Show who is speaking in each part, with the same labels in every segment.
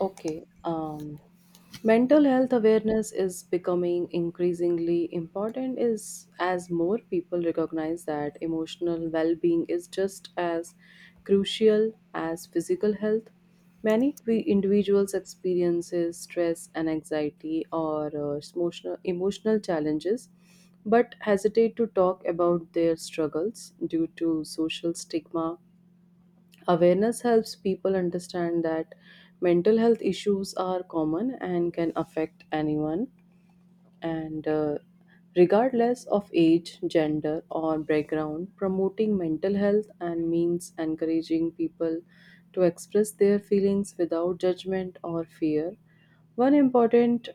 Speaker 1: Okay. Mental health awareness is becoming increasingly important is as more people recognize that emotional well-being is just as crucial as physical health. Many we individuals experiences stress and anxiety or emotional challenges, but hesitate to talk about their struggles due to social stigma. Awareness helps people understand that mental health issues are common and can affect anyone, and regardless of age, gender, or background, promoting mental health and means encouraging people to express their feelings without judgment or fear. One important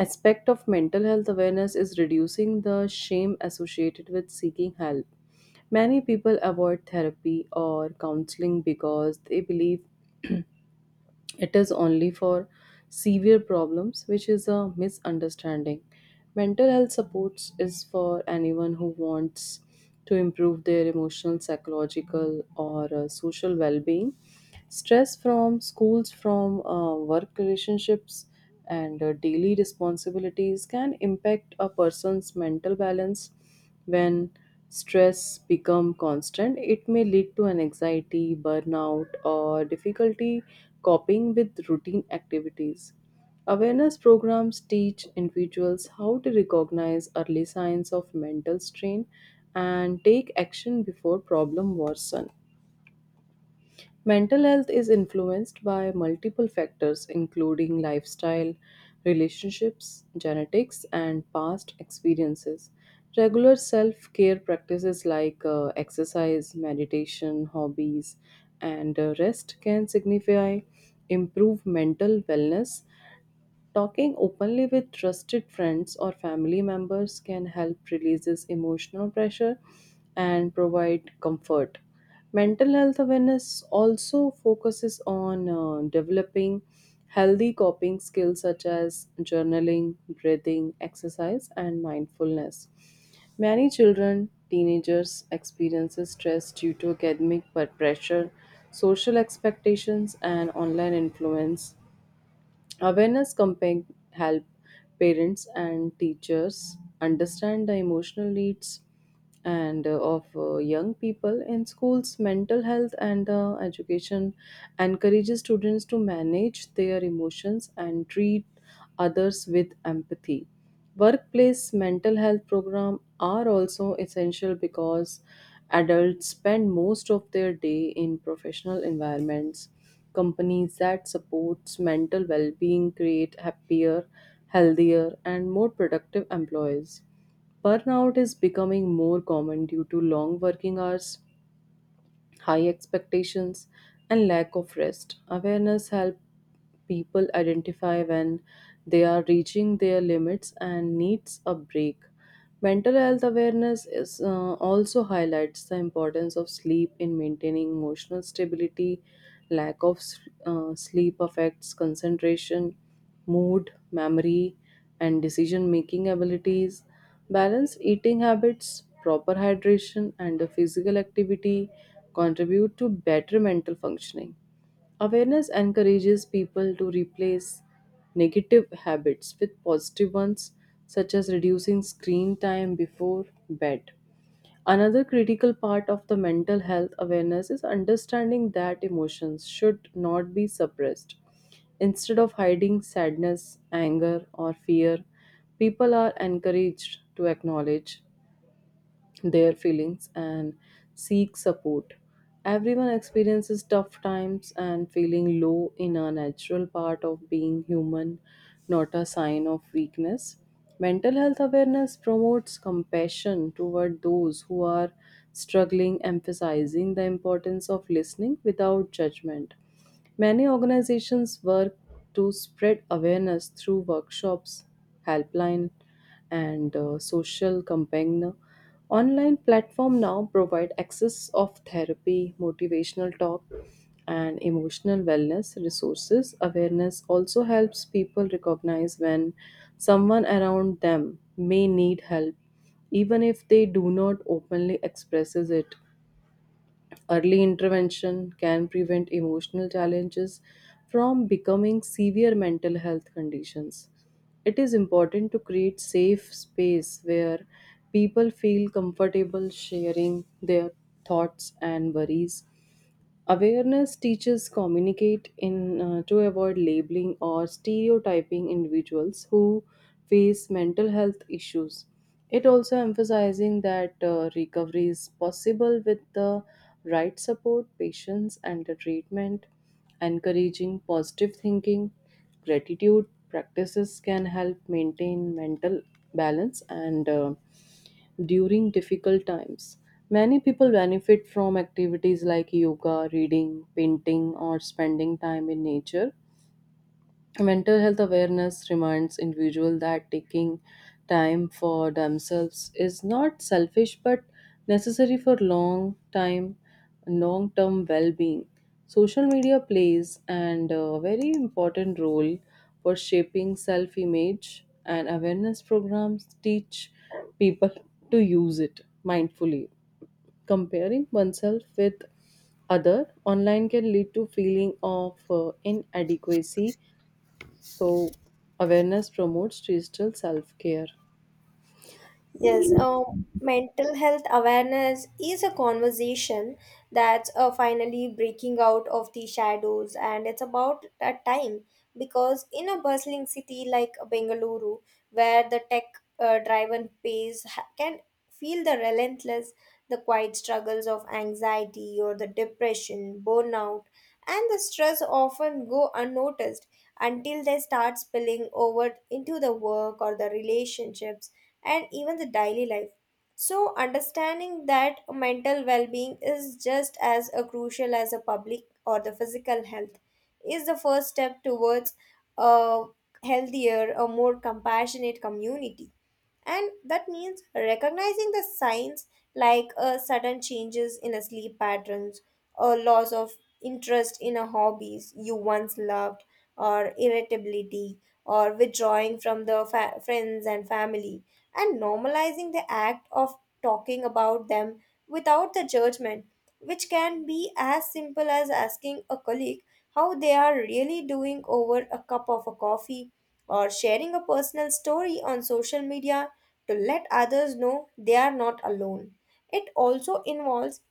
Speaker 1: aspect of mental health awareness is reducing the shame associated with seeking help. Many people avoid therapy or counseling because they believe it is only for severe problems which is a misunderstanding. Mental health supports is for anyone who wants to improve their emotional psychological or social well-being. Stress from schools, from work relationships and daily responsibilities can impact a person's mental balance. When stress become constant, it may lead to an anxiety, burnout, or difficulty coping with routine activities. Awareness programs teach individuals how to recognize early signs of mental strain and take action before problem worsen. Mental health is influenced by multiple factors, including lifestyle, relationships, genetics, and past experiences. Regular self care practices like exercise, meditation, hobbies, and rest can signify improved mental wellness. Talking openly with trusted friends or family members can help releases emotional pressure and provide comfort. Mental health awareness also focuses on developing healthy coping skills such as journaling, breathing, exercise, and mindfulness. Many children, teenagers experiences stress due to academic pressure, social expectations, and online influence. Awareness campaign help parents and teachers understand the emotional needs and of young people in schools mental health and education encourages students to manage their emotions and treat others with empathy. Workplace mental health program are also essential because adults spend most of their day in professional environments. Companies that supports mental well-being create happier, healthier, and more productive employees. Burnout is becoming more common due to long working hours, high expectations, and lack of rest. Awareness helps people identify when they are reaching their limits and needs a break. Mental health awareness is also highlights the importance of sleep in maintaining emotional stability. Lack of sleep affects concentration, mood, memory, and decision making abilities. Balanced eating habits, proper hydration, and physical activity contribute to better mental functioning. Awareness encourages people to replace negative habits with positive ones, such as reducing screen time before bed. Another critical part of the mental health awareness is understanding that emotions should not be suppressed. Instead of hiding sadness, anger, or fear, people are encouraged to acknowledge their feelings and seek support. Everyone experiences tough times, and feeling low in a natural part of being human, not a sign of weakness. Mental health awareness promotes compassion toward those who are struggling, emphasizing the importance of listening without judgment. Many organizations work to spread awareness through workshops, helpline, and social campaign. Online platform now provide access of therapy, motivational talk, and emotional wellness resources. Awareness also helps people recognize when someone around them may need help even if they do not openly expresses it. Early intervention can prevent emotional challenges from becoming severe mental health conditions. It is important to create safe space where people feel comfortable sharing their thoughts and worries. Awareness teaches communicate in to avoid labeling or stereotyping individuals who face mental health issues. It also emphasizing that recovery is possible with the right support, patience, and the treatment. Encouraging positive thinking, gratitude practices can help maintain mental balance and during difficult times. Many people benefit from activities like yoga, reading, painting, or spending time in nature. Mental health awareness reminds individuals that taking time for themselves is not selfish but necessary for long term well being. Social media plays and a very important role for shaping self image and awareness programs teach people to use it mindfully. Comparing oneself with other online can lead to feeling of inadequacy, so, awareness promotes digital self care.
Speaker 2: Yes, mental health awareness is a conversation that's finally breaking out of the shadows, and it's about that time because in a bustling city like Bengaluru, where the tech driven pace can feel the relentless, the quiet struggles of anxiety or the depression, burnout, and the stress often go unnoticed until they start spilling over into the work or the relationships and even the daily life. So, understanding that mental well being is just as a crucial as a public or the physical health is the first step towards a healthier, a more compassionate community. And that means recognizing the signs like sudden changes in a sleep patterns or loss of interest in a hobbies you once loved or irritability or withdrawing from the friends and family, and normalizing the act of talking about them without the judgment, which can be as simple as asking a colleague how they are really doing over a cup of a coffee or sharing a personal story on social media to let others know they are not alone. It also involves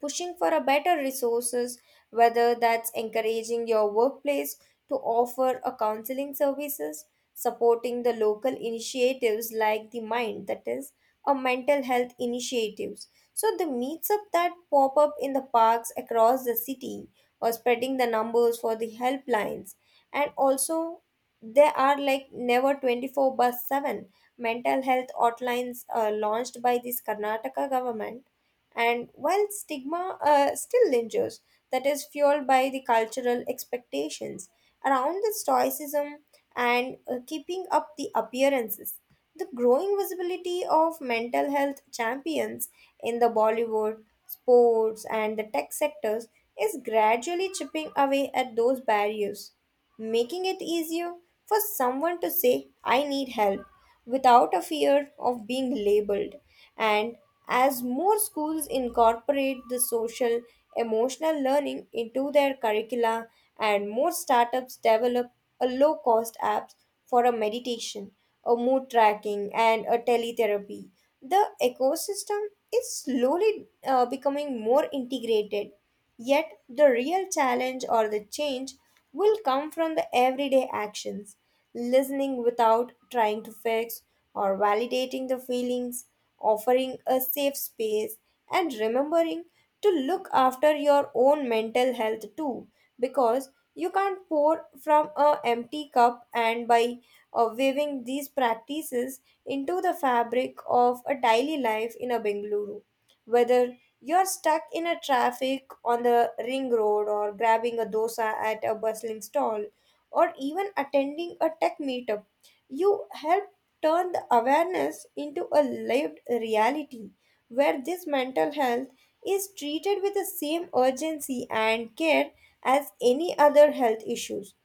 Speaker 2: pushing for a better resources, whether that's encouraging your workplace to offer a counseling services, supporting the local initiatives like the mind, that is a mental health initiatives, so the meets up that pop up in the parks across the city, or spreading the numbers for the helplines. And also, there are like never 24 bus 7 mental health hotlines launched by this Karnataka government. And while stigma still lingers, that is fueled by the cultural expectations around the stoicism and keeping up the appearances. The growing visibility of mental health champions in the Bollywood, sports, and the tech sectors is gradually chipping away at those barriers, making it easier for someone to say, I need help, without a fear of being labeled. And as more schools incorporate the social emotional learning into their curricula, and more startups develop a low cost apps for a meditation, a mood tracking, and a teletherapy, the ecosystem is slowly becoming more integrated. Yet, the real challenge or the change will come from the everyday actions, listening without trying to fix or validating the feelings, offering a safe space, and remembering to look after your own mental health too, because you can't pour from a empty cup. And by weaving these practices into the fabric of a daily life in a Bengaluru, whether you're stuck in a traffic on the ring road or grabbing a dosa at a bustling stall or even attending a tech meetup, you help turn the awareness into a lived reality where this mental health is treated with the same urgency and care as any other health issues.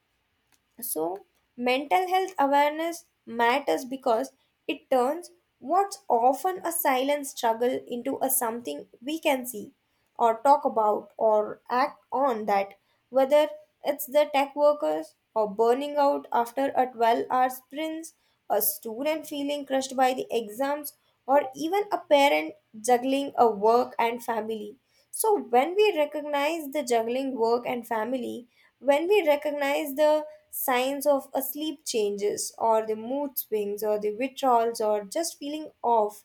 Speaker 2: So, mental health awareness matters because it turns what's often a silent struggle into a something we can see or talk about or act on that, whether it's the tech workers or burning out after a 12-hour sprints, a student feeling crushed by the exams, or even a parent juggling a work and family. So when we recognize the juggling work and family, when we recognize the signs of a sleep changes or the mood swings or the withdrawals or just feeling off,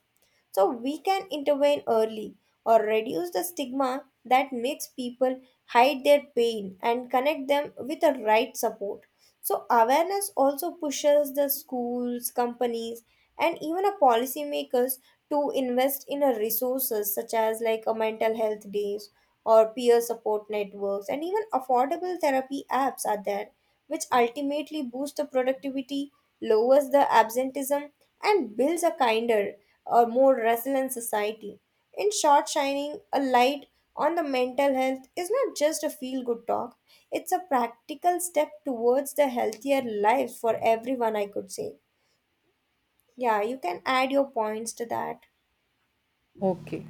Speaker 2: so we can intervene early or reduce the stigma that makes people hide their pain and connect them with the right support. So awareness also pushes the schools, companies, and even a policymakers to invest in a resources such as like a mental health days or peer support networks, and even affordable therapy apps are there, which ultimately boost the productivity, lowers the absenteeism, and builds a kinder, a more resilient society. In short, shining a light on the mental health is not just a feel good talk, it's a practical step towards the healthier lives for everyone, I could say. Yeah, you can add your points to that.
Speaker 1: Okay.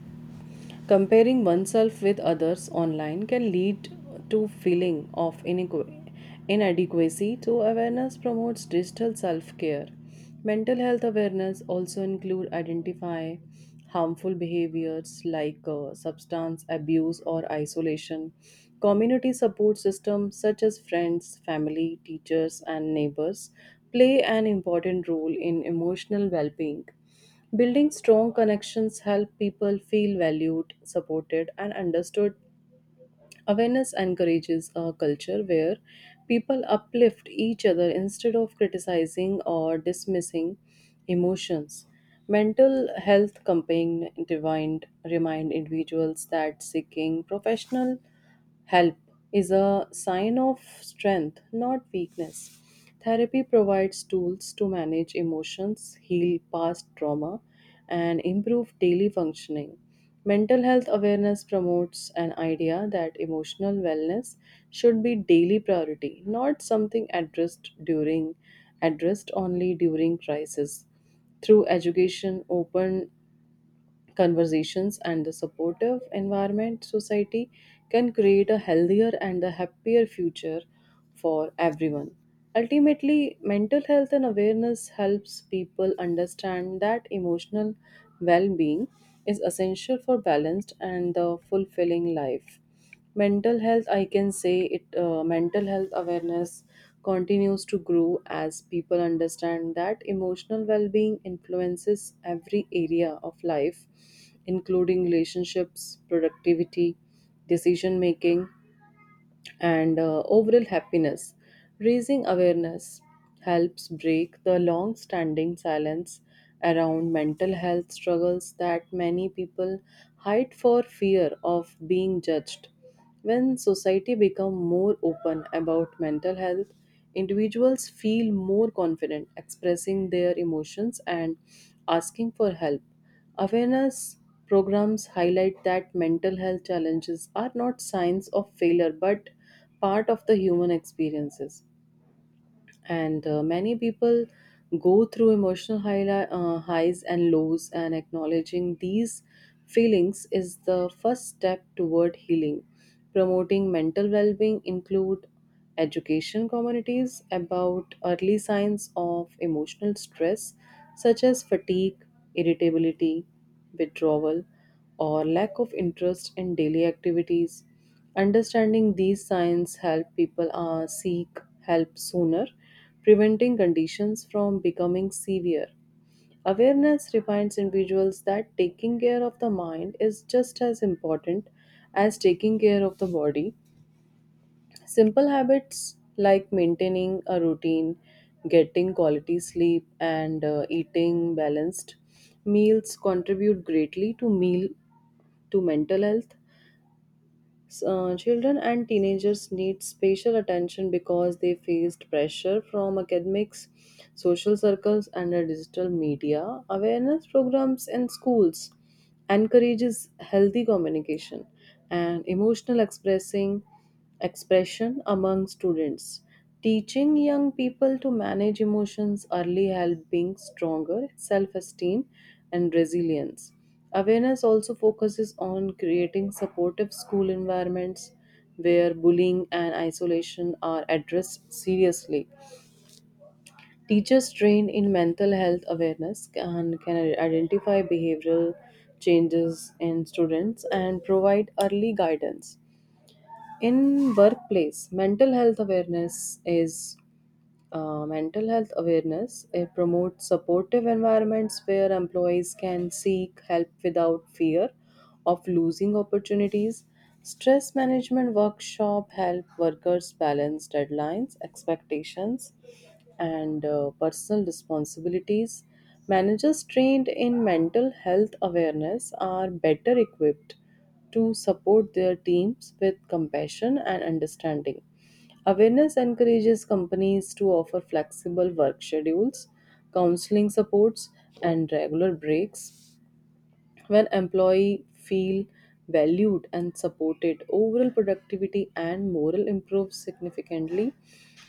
Speaker 1: Comparing oneself with others online can lead to feeling of inadequacy, so awareness promotes digital self-care. Mental health awareness also include identify harmful behaviors like substance abuse or isolation. Community support systems such as friends, family, teachers and neighbors play an important role in emotional well-being. Building strong connections help people feel valued, supported, and understood. Awareness encourages a culture where people uplift each other instead of criticizing or dismissing emotions. Mental health campaign divine remind individuals that seeking professional help is a sign of strength, not weakness. Therapy provides tools to manage emotions, heal past trauma, and improve daily functioning. Mental health awareness promotes an idea that emotional wellness should be daily priority, not something addressed only during crisis. Through education, open conversations and the supportive environment, society can create a healthier and a happier future for everyone. Ultimately mental health and awareness helps people understand that emotional well-being is essential for balanced and a fulfilling life. Mental health I can say it mental health awareness continues to grow as people understand that emotional well-being influences every area of life, including relationships, productivity, decision making, and overall happiness. Raising awareness helps break the long standing silence around mental health struggles that many people hide for fear of being judged. When society becomes more open about mental health, individuals feel more confident expressing their emotions and asking for help. Awareness programs highlight that mental health challenges are not signs of failure but part of the human experiences, and many people go through emotional highs and lows, and acknowledging these feelings is the first step toward healing. Promoting mental well-being include education communities about early signs of emotional stress such as fatigue, irritability, withdrawal, or lack of interest in daily activities. Understanding these signs help people seek help sooner, preventing conditions from becoming severe. Awareness reminds individuals that taking care of the mind is just as important as taking care of the body. Simple habits like maintaining a routine, getting quality sleep, and eating balanced meals contribute greatly to meal to mental health. Children and teenagers need special attention because they faced pressure from academics, social circles, and the digital media. Awareness programs in schools encourages healthy communication and emotional expressing expression among students. Teaching young people to manage emotions early help being stronger self-esteem and resilience. Awareness also focuses on creating supportive school environments where bullying and isolation are addressed seriously. Teachers trained in mental health awareness can identify behavioral changes in students and provide early guidance. In workplace, mental health awareness is mental health awareness. It promotes supportive environments where employees can seek help without fear of losing opportunities. Stress management workshop help workers balance deadlines, expectations, and personal responsibilities. Managers trained in mental health awareness are better equipped to support their teams with compassion and understanding. Awareness encourages companies to offer flexible work schedules, counseling supports, and regular breaks. When employee feel valued and supported, overall productivity and morale improves significantly.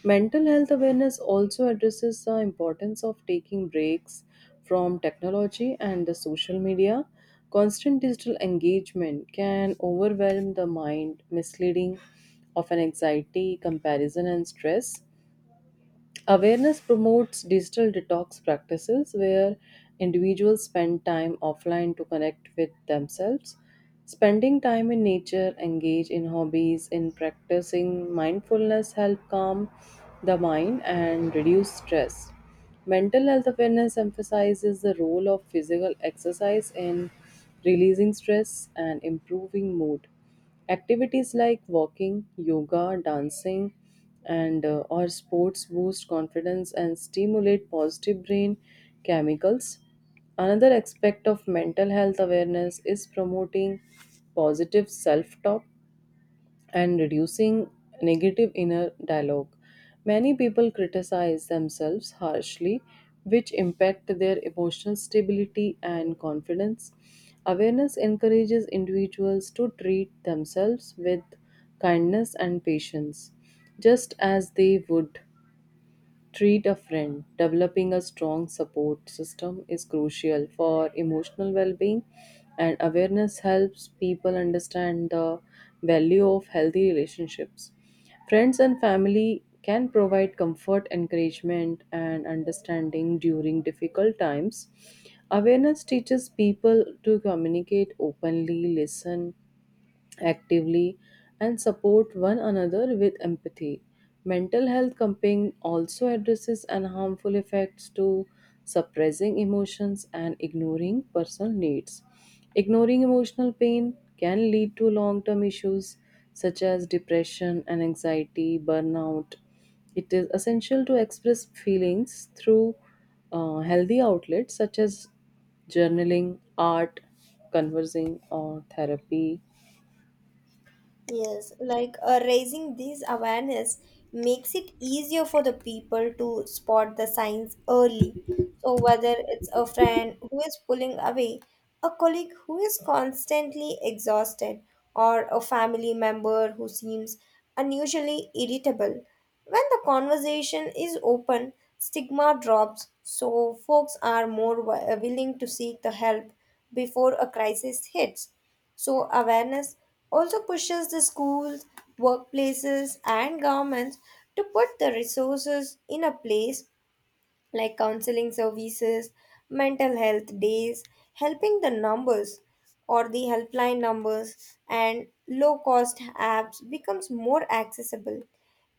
Speaker 1: Mental health awareness also addresses the importance of taking breaks from technology and the social media. Constant digital engagement can overwhelm the mind, misleading of an anxiety, comparison, and stress. Awareness promotes digital detox practices where individuals spend time offline to connect with themselves. Spending time in nature, engage in hobbies, in practicing mindfulness help calm the mind and reduce stress. Mental health awareness emphasizes the role of physical exercise in releasing stress and improving mood. Activities like walking, yoga, dancing, and or sports boost confidence and stimulate positive brain chemicals. Another aspect of mental health awareness is promoting positive self talk and reducing negative inner dialogue. Many people criticize themselves harshly, which impact their emotional stability and confidence. Awareness encourages individuals to treat themselves with kindness and patience, just as they would treat a friend. Developing a strong support system is crucial for emotional well being, and awareness helps people understand the value of healthy relationships. Friends and family can provide comfort, encouragement, and understanding during difficult times. Awareness teaches people to communicate openly, listen actively and support one another with empathy. Mental health campaign also addresses and harmful effects to suppressing emotions and ignoring personal needs. Ignoring emotional pain can lead to long-term issues such as depression and anxiety, burnout. It is essential to express feelings through healthy outlets such as journaling, art, conversing, or therapy.
Speaker 2: Yes, like raising this awareness makes it easier for the people to spot the signs early. So, whether it's a friend who is pulling away, a colleague who is constantly exhausted, or a family member who seems unusually irritable, when the conversation is open, stigma drops, so folks are more willing to seek the help before a crisis hits. So, awareness also pushes the schools, workplaces, and governments to put the resources in a place like counseling services, mental health days, helping the numbers or the helpline numbers, and low cost apps becomes more accessible.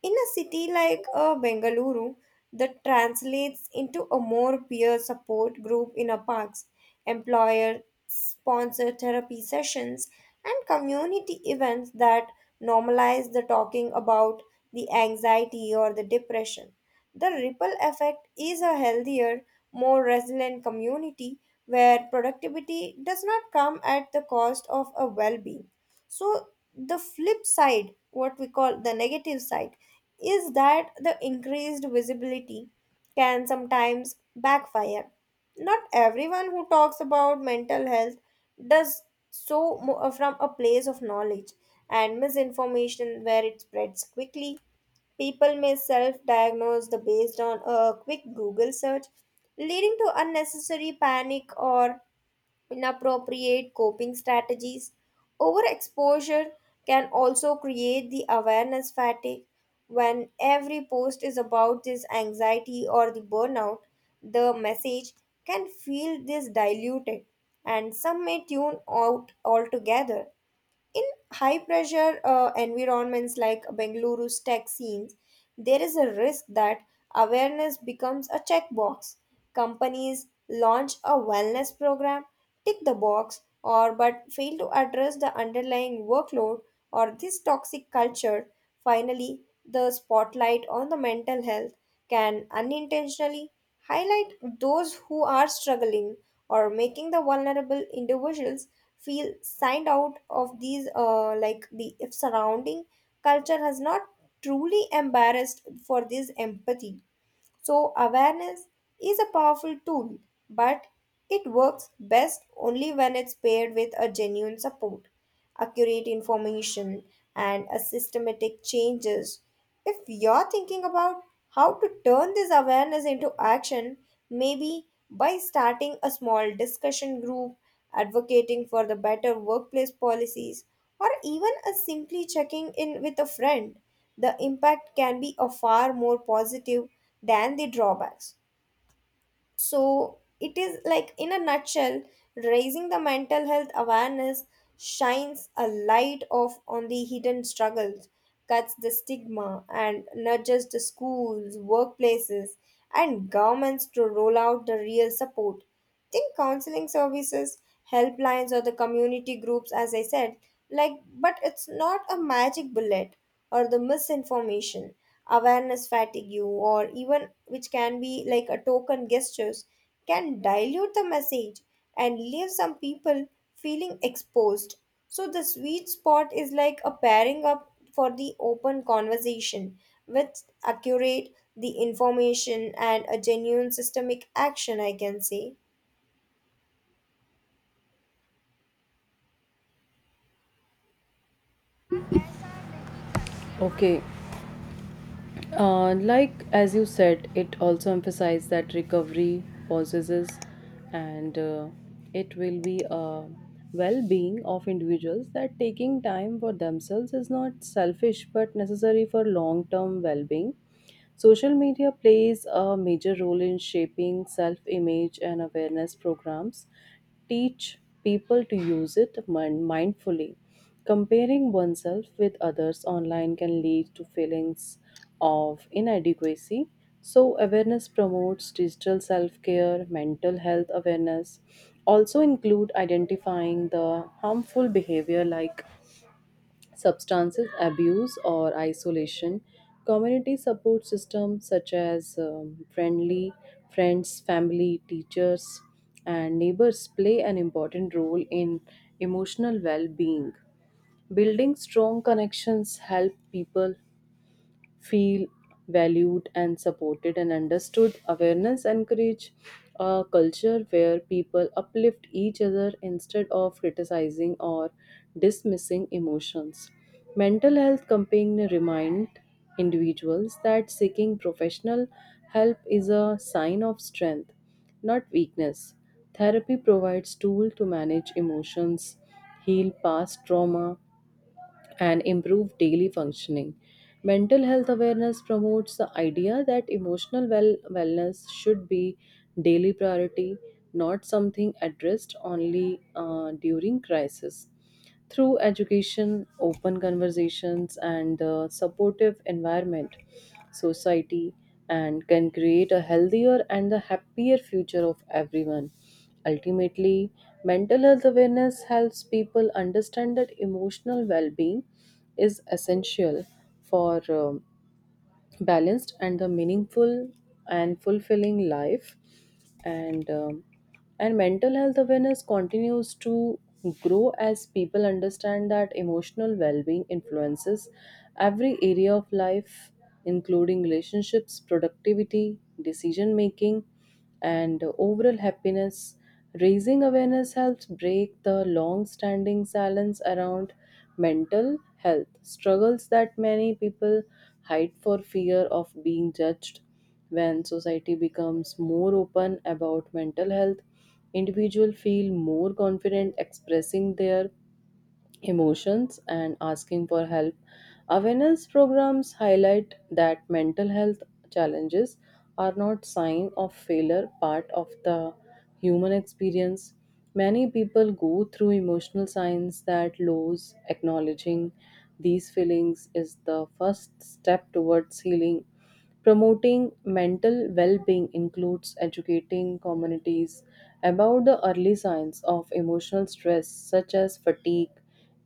Speaker 2: In a city like Bengaluru, that translates into a more peer support group in a parks, employer sponsored therapy sessions, and community events that normalize the talking about the anxiety or the depression. The ripple effect is a healthier, more resilient community where productivity does not come at the cost of a well being. So, the flip side, what we call the negative side, is that the increased visibility can sometimes backfire. Not everyone who talks about mental health does so from a place of knowledge, and misinformation where it spreads quickly. People may self diagnose the based on a quick Google search, leading to unnecessary panic or inappropriate coping strategies. Overexposure can also create the awareness fatigue. When every post is about this anxiety or the burnout, the message can feel this diluted, and some may tune out altogether. In high pressure environments like Bengaluru's tech scenes, there is a risk that awareness becomes a checkbox. Companies launch a wellness program, tick the box, or but fail to address the underlying workload or this toxic culture. Finally, the spotlight on the mental health can unintentionally highlight those who are struggling or making the vulnerable individuals feel signed out of these like the if surrounding culture has not truly embarrassed for this empathy. So, awareness is a powerful tool, but it works best only when it's paired with a genuine support, accurate information, and a systematic changes. If you're thinking about how to turn this awareness into action, maybe by starting a small discussion group, advocating for the better workplace policies, or even a simply checking in with a friend, the impact can be a far more positive than the drawbacks. So it is like, in a nutshell, raising the mental health awareness shines a light off on the hidden struggles, cuts the stigma, and nudges the schools, workplaces, and governments to roll out the real support, think counseling services, helplines, or the community groups, as I said, like, but it's not a magic bullet. Or the misinformation, awareness fatigue, or even which can be like a token gestures, can dilute the message and leave some people feeling exposed. So the sweet spot is like a pairing up for the open conversation with accurate the information and a genuine systemic action, I can say.
Speaker 1: Okay. Like as you said, it also emphasized that recovery possesses and it will be a well being of individuals that taking time for themselves is not selfish but necessary for long term well being. Social media plays a major role in shaping self image and awareness programs. Teach people to use it mindfully. Comparing oneself with others online can lead to feelings of inadequacy. So, awareness promotes digital self care, mental health awareness, also include identifying the harmful behavior like substances abuse or isolation. Community support systems such as friendly friends, family, teachers and neighbors play an important role in emotional well-being. Building strong connections help people feel valued and supported and understood. Awareness encourage a culture where people uplift each other instead of criticizing or dismissing emotions. Mental health campaign remind individuals that seeking professional help is a sign of strength, not weakness. Therapy provides tool to manage emotions, heal past trauma, and improve daily functioning. Mental health awareness promotes the idea that wellness should be daily priority, not something addressed only during crisis. Through education, open conversations, and supportive environment, society and can create a healthier and a happier future of everyone. Ultimately, mental health awareness helps people understand that emotional well being is essential for balanced and the meaningful and fulfilling life, and um, and mental health awareness continues to grow as people understand that emotional well-being influences every area of life, including relationships, productivity, decision making, and overall happiness. Raising awareness helps break the long-standing silence around mental health struggles that many people hide for fear of being judged. When society becomes more open about mental health, individuals feel more confident expressing their emotions and asking for help. Awareness programs highlight that mental health challenges are not sign of failure, part of the human experience. Many people go through emotional signs that lows acknowledging these feelings is the first step towards healing. Promoting mental well being includes educating communities about the early signs of emotional stress, such as fatigue,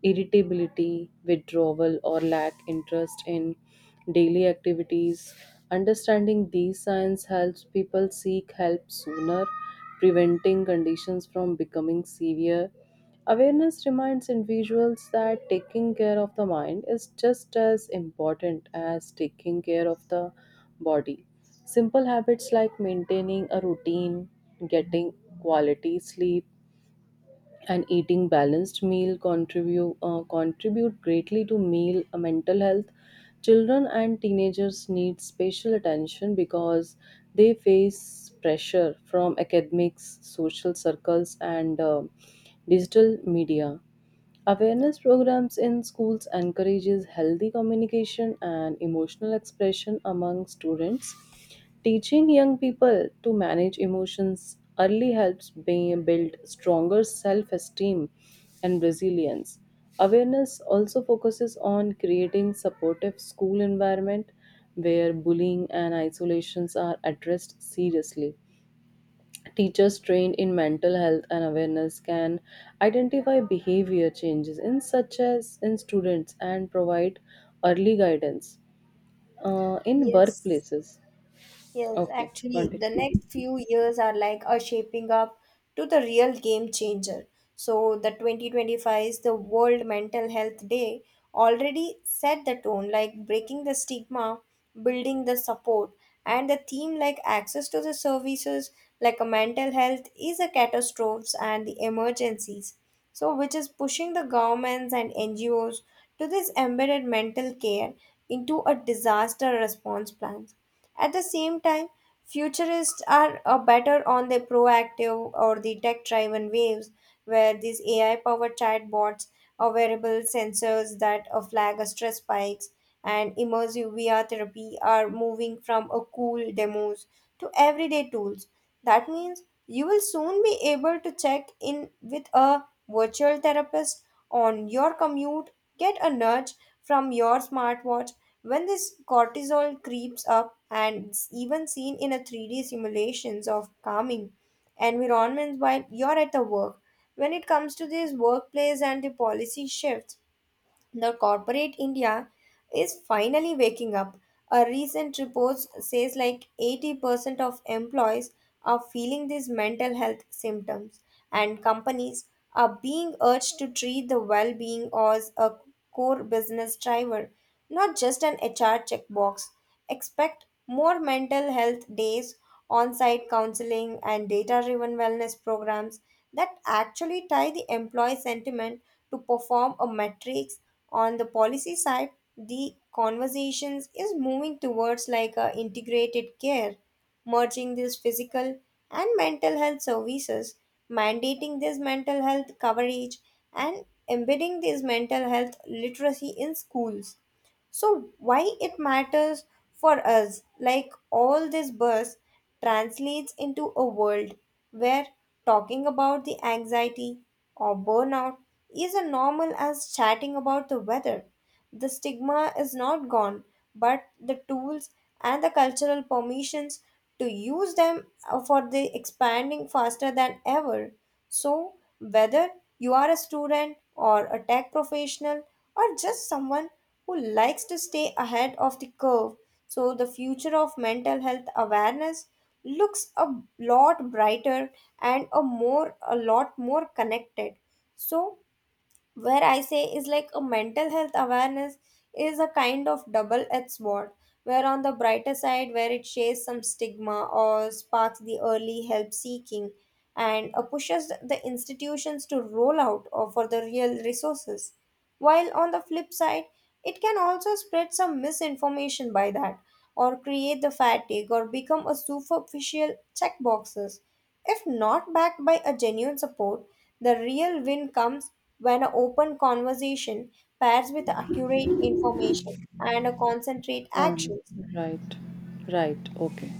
Speaker 1: irritability, withdrawal, or lack interest in daily activities. Understanding these signs helps people seek help sooner, preventing conditions from becoming severe. Awareness reminds individuals that taking care of the mind is just as important as taking care of the body. Simple habits like maintaining a routine, getting quality sleep, and eating balanced meal contribute greatly to meal mental health. Children and teenagers need special attention because they face pressure from academics, social circles, and digital media. Awareness programs in schools encourages healthy communication and emotional expression among students. Teaching young people to manage emotions early helps build stronger self esteem and resilience. Awareness also focuses on creating supportive school environment where bullying and isolations are addressed seriously. Teachers trained in mental health and awareness can identify behavior changes in such as in students and provide early guidance in
Speaker 2: Yes.
Speaker 1: workplaces.
Speaker 2: Yes,
Speaker 1: Okay,
Speaker 2: actually, the
Speaker 1: continue.
Speaker 2: next few years are like are shaping up to the real game changer. So the 2025 is the World Mental Health Day, already set the tone, like breaking the stigma, building the support, and the theme like access to the services, like a mental health is a catastrophes and the emergencies. So which is pushing the governments and NGOs to this embedded mental care into a disaster response plan. At the same time, futurists are better on the proactive or the tech driven waves, where these AI powered chatbots or wearable sensors that flag a stress spikes and immersive VR therapy are moving from a cool demos to everyday tools. That means you will soon be able to check in with a virtual therapist on your commute, get a nudge from your smartwatch when this cortisol creeps up, and it's even seen in a 3D simulations of calming environments while you're at the work. When it comes to these workplace and the policy shifts, the corporate India is finally waking up. A recent report says like 80% of employees are feeling these mental health symptoms, and companies are being urged to treat the well being as a core business driver, not just an HR checkbox. Expect more mental health days, on site counseling, and data driven wellness programs that actually tie the employee sentiment to perform a metric. On the policy side, the conversations is moving towards like a integrated care, merging this physical and mental health services, mandating this mental health coverage, and embedding this mental health literacy in schools. So why it matters for us, like all this buzz translates into a world where talking about the anxiety or burnout is as normal as chatting about the weather. The stigma is not gone, but the tools and the cultural permissions to use them are for the expanding faster than ever. So whether you are a student or a tech professional or just someone who likes to stay ahead of the curve. So, the future of mental health awareness looks a lot brighter and a more a lot more connected. So, where I say is like a mental health awareness is a kind of double edged sword, where on the brighter side, where it shares some stigma or sparks the early help seeking and pushes the institutions to roll out or for the real resources. While on the flip side, it can also spread some misinformation by that, or create the fatigue, or become a superficial checkboxes. If not backed by a genuine support, the real win comes when an open conversation pairs with accurate information and a concentrate
Speaker 1: Um,
Speaker 2: actions,
Speaker 1: right, right, okay.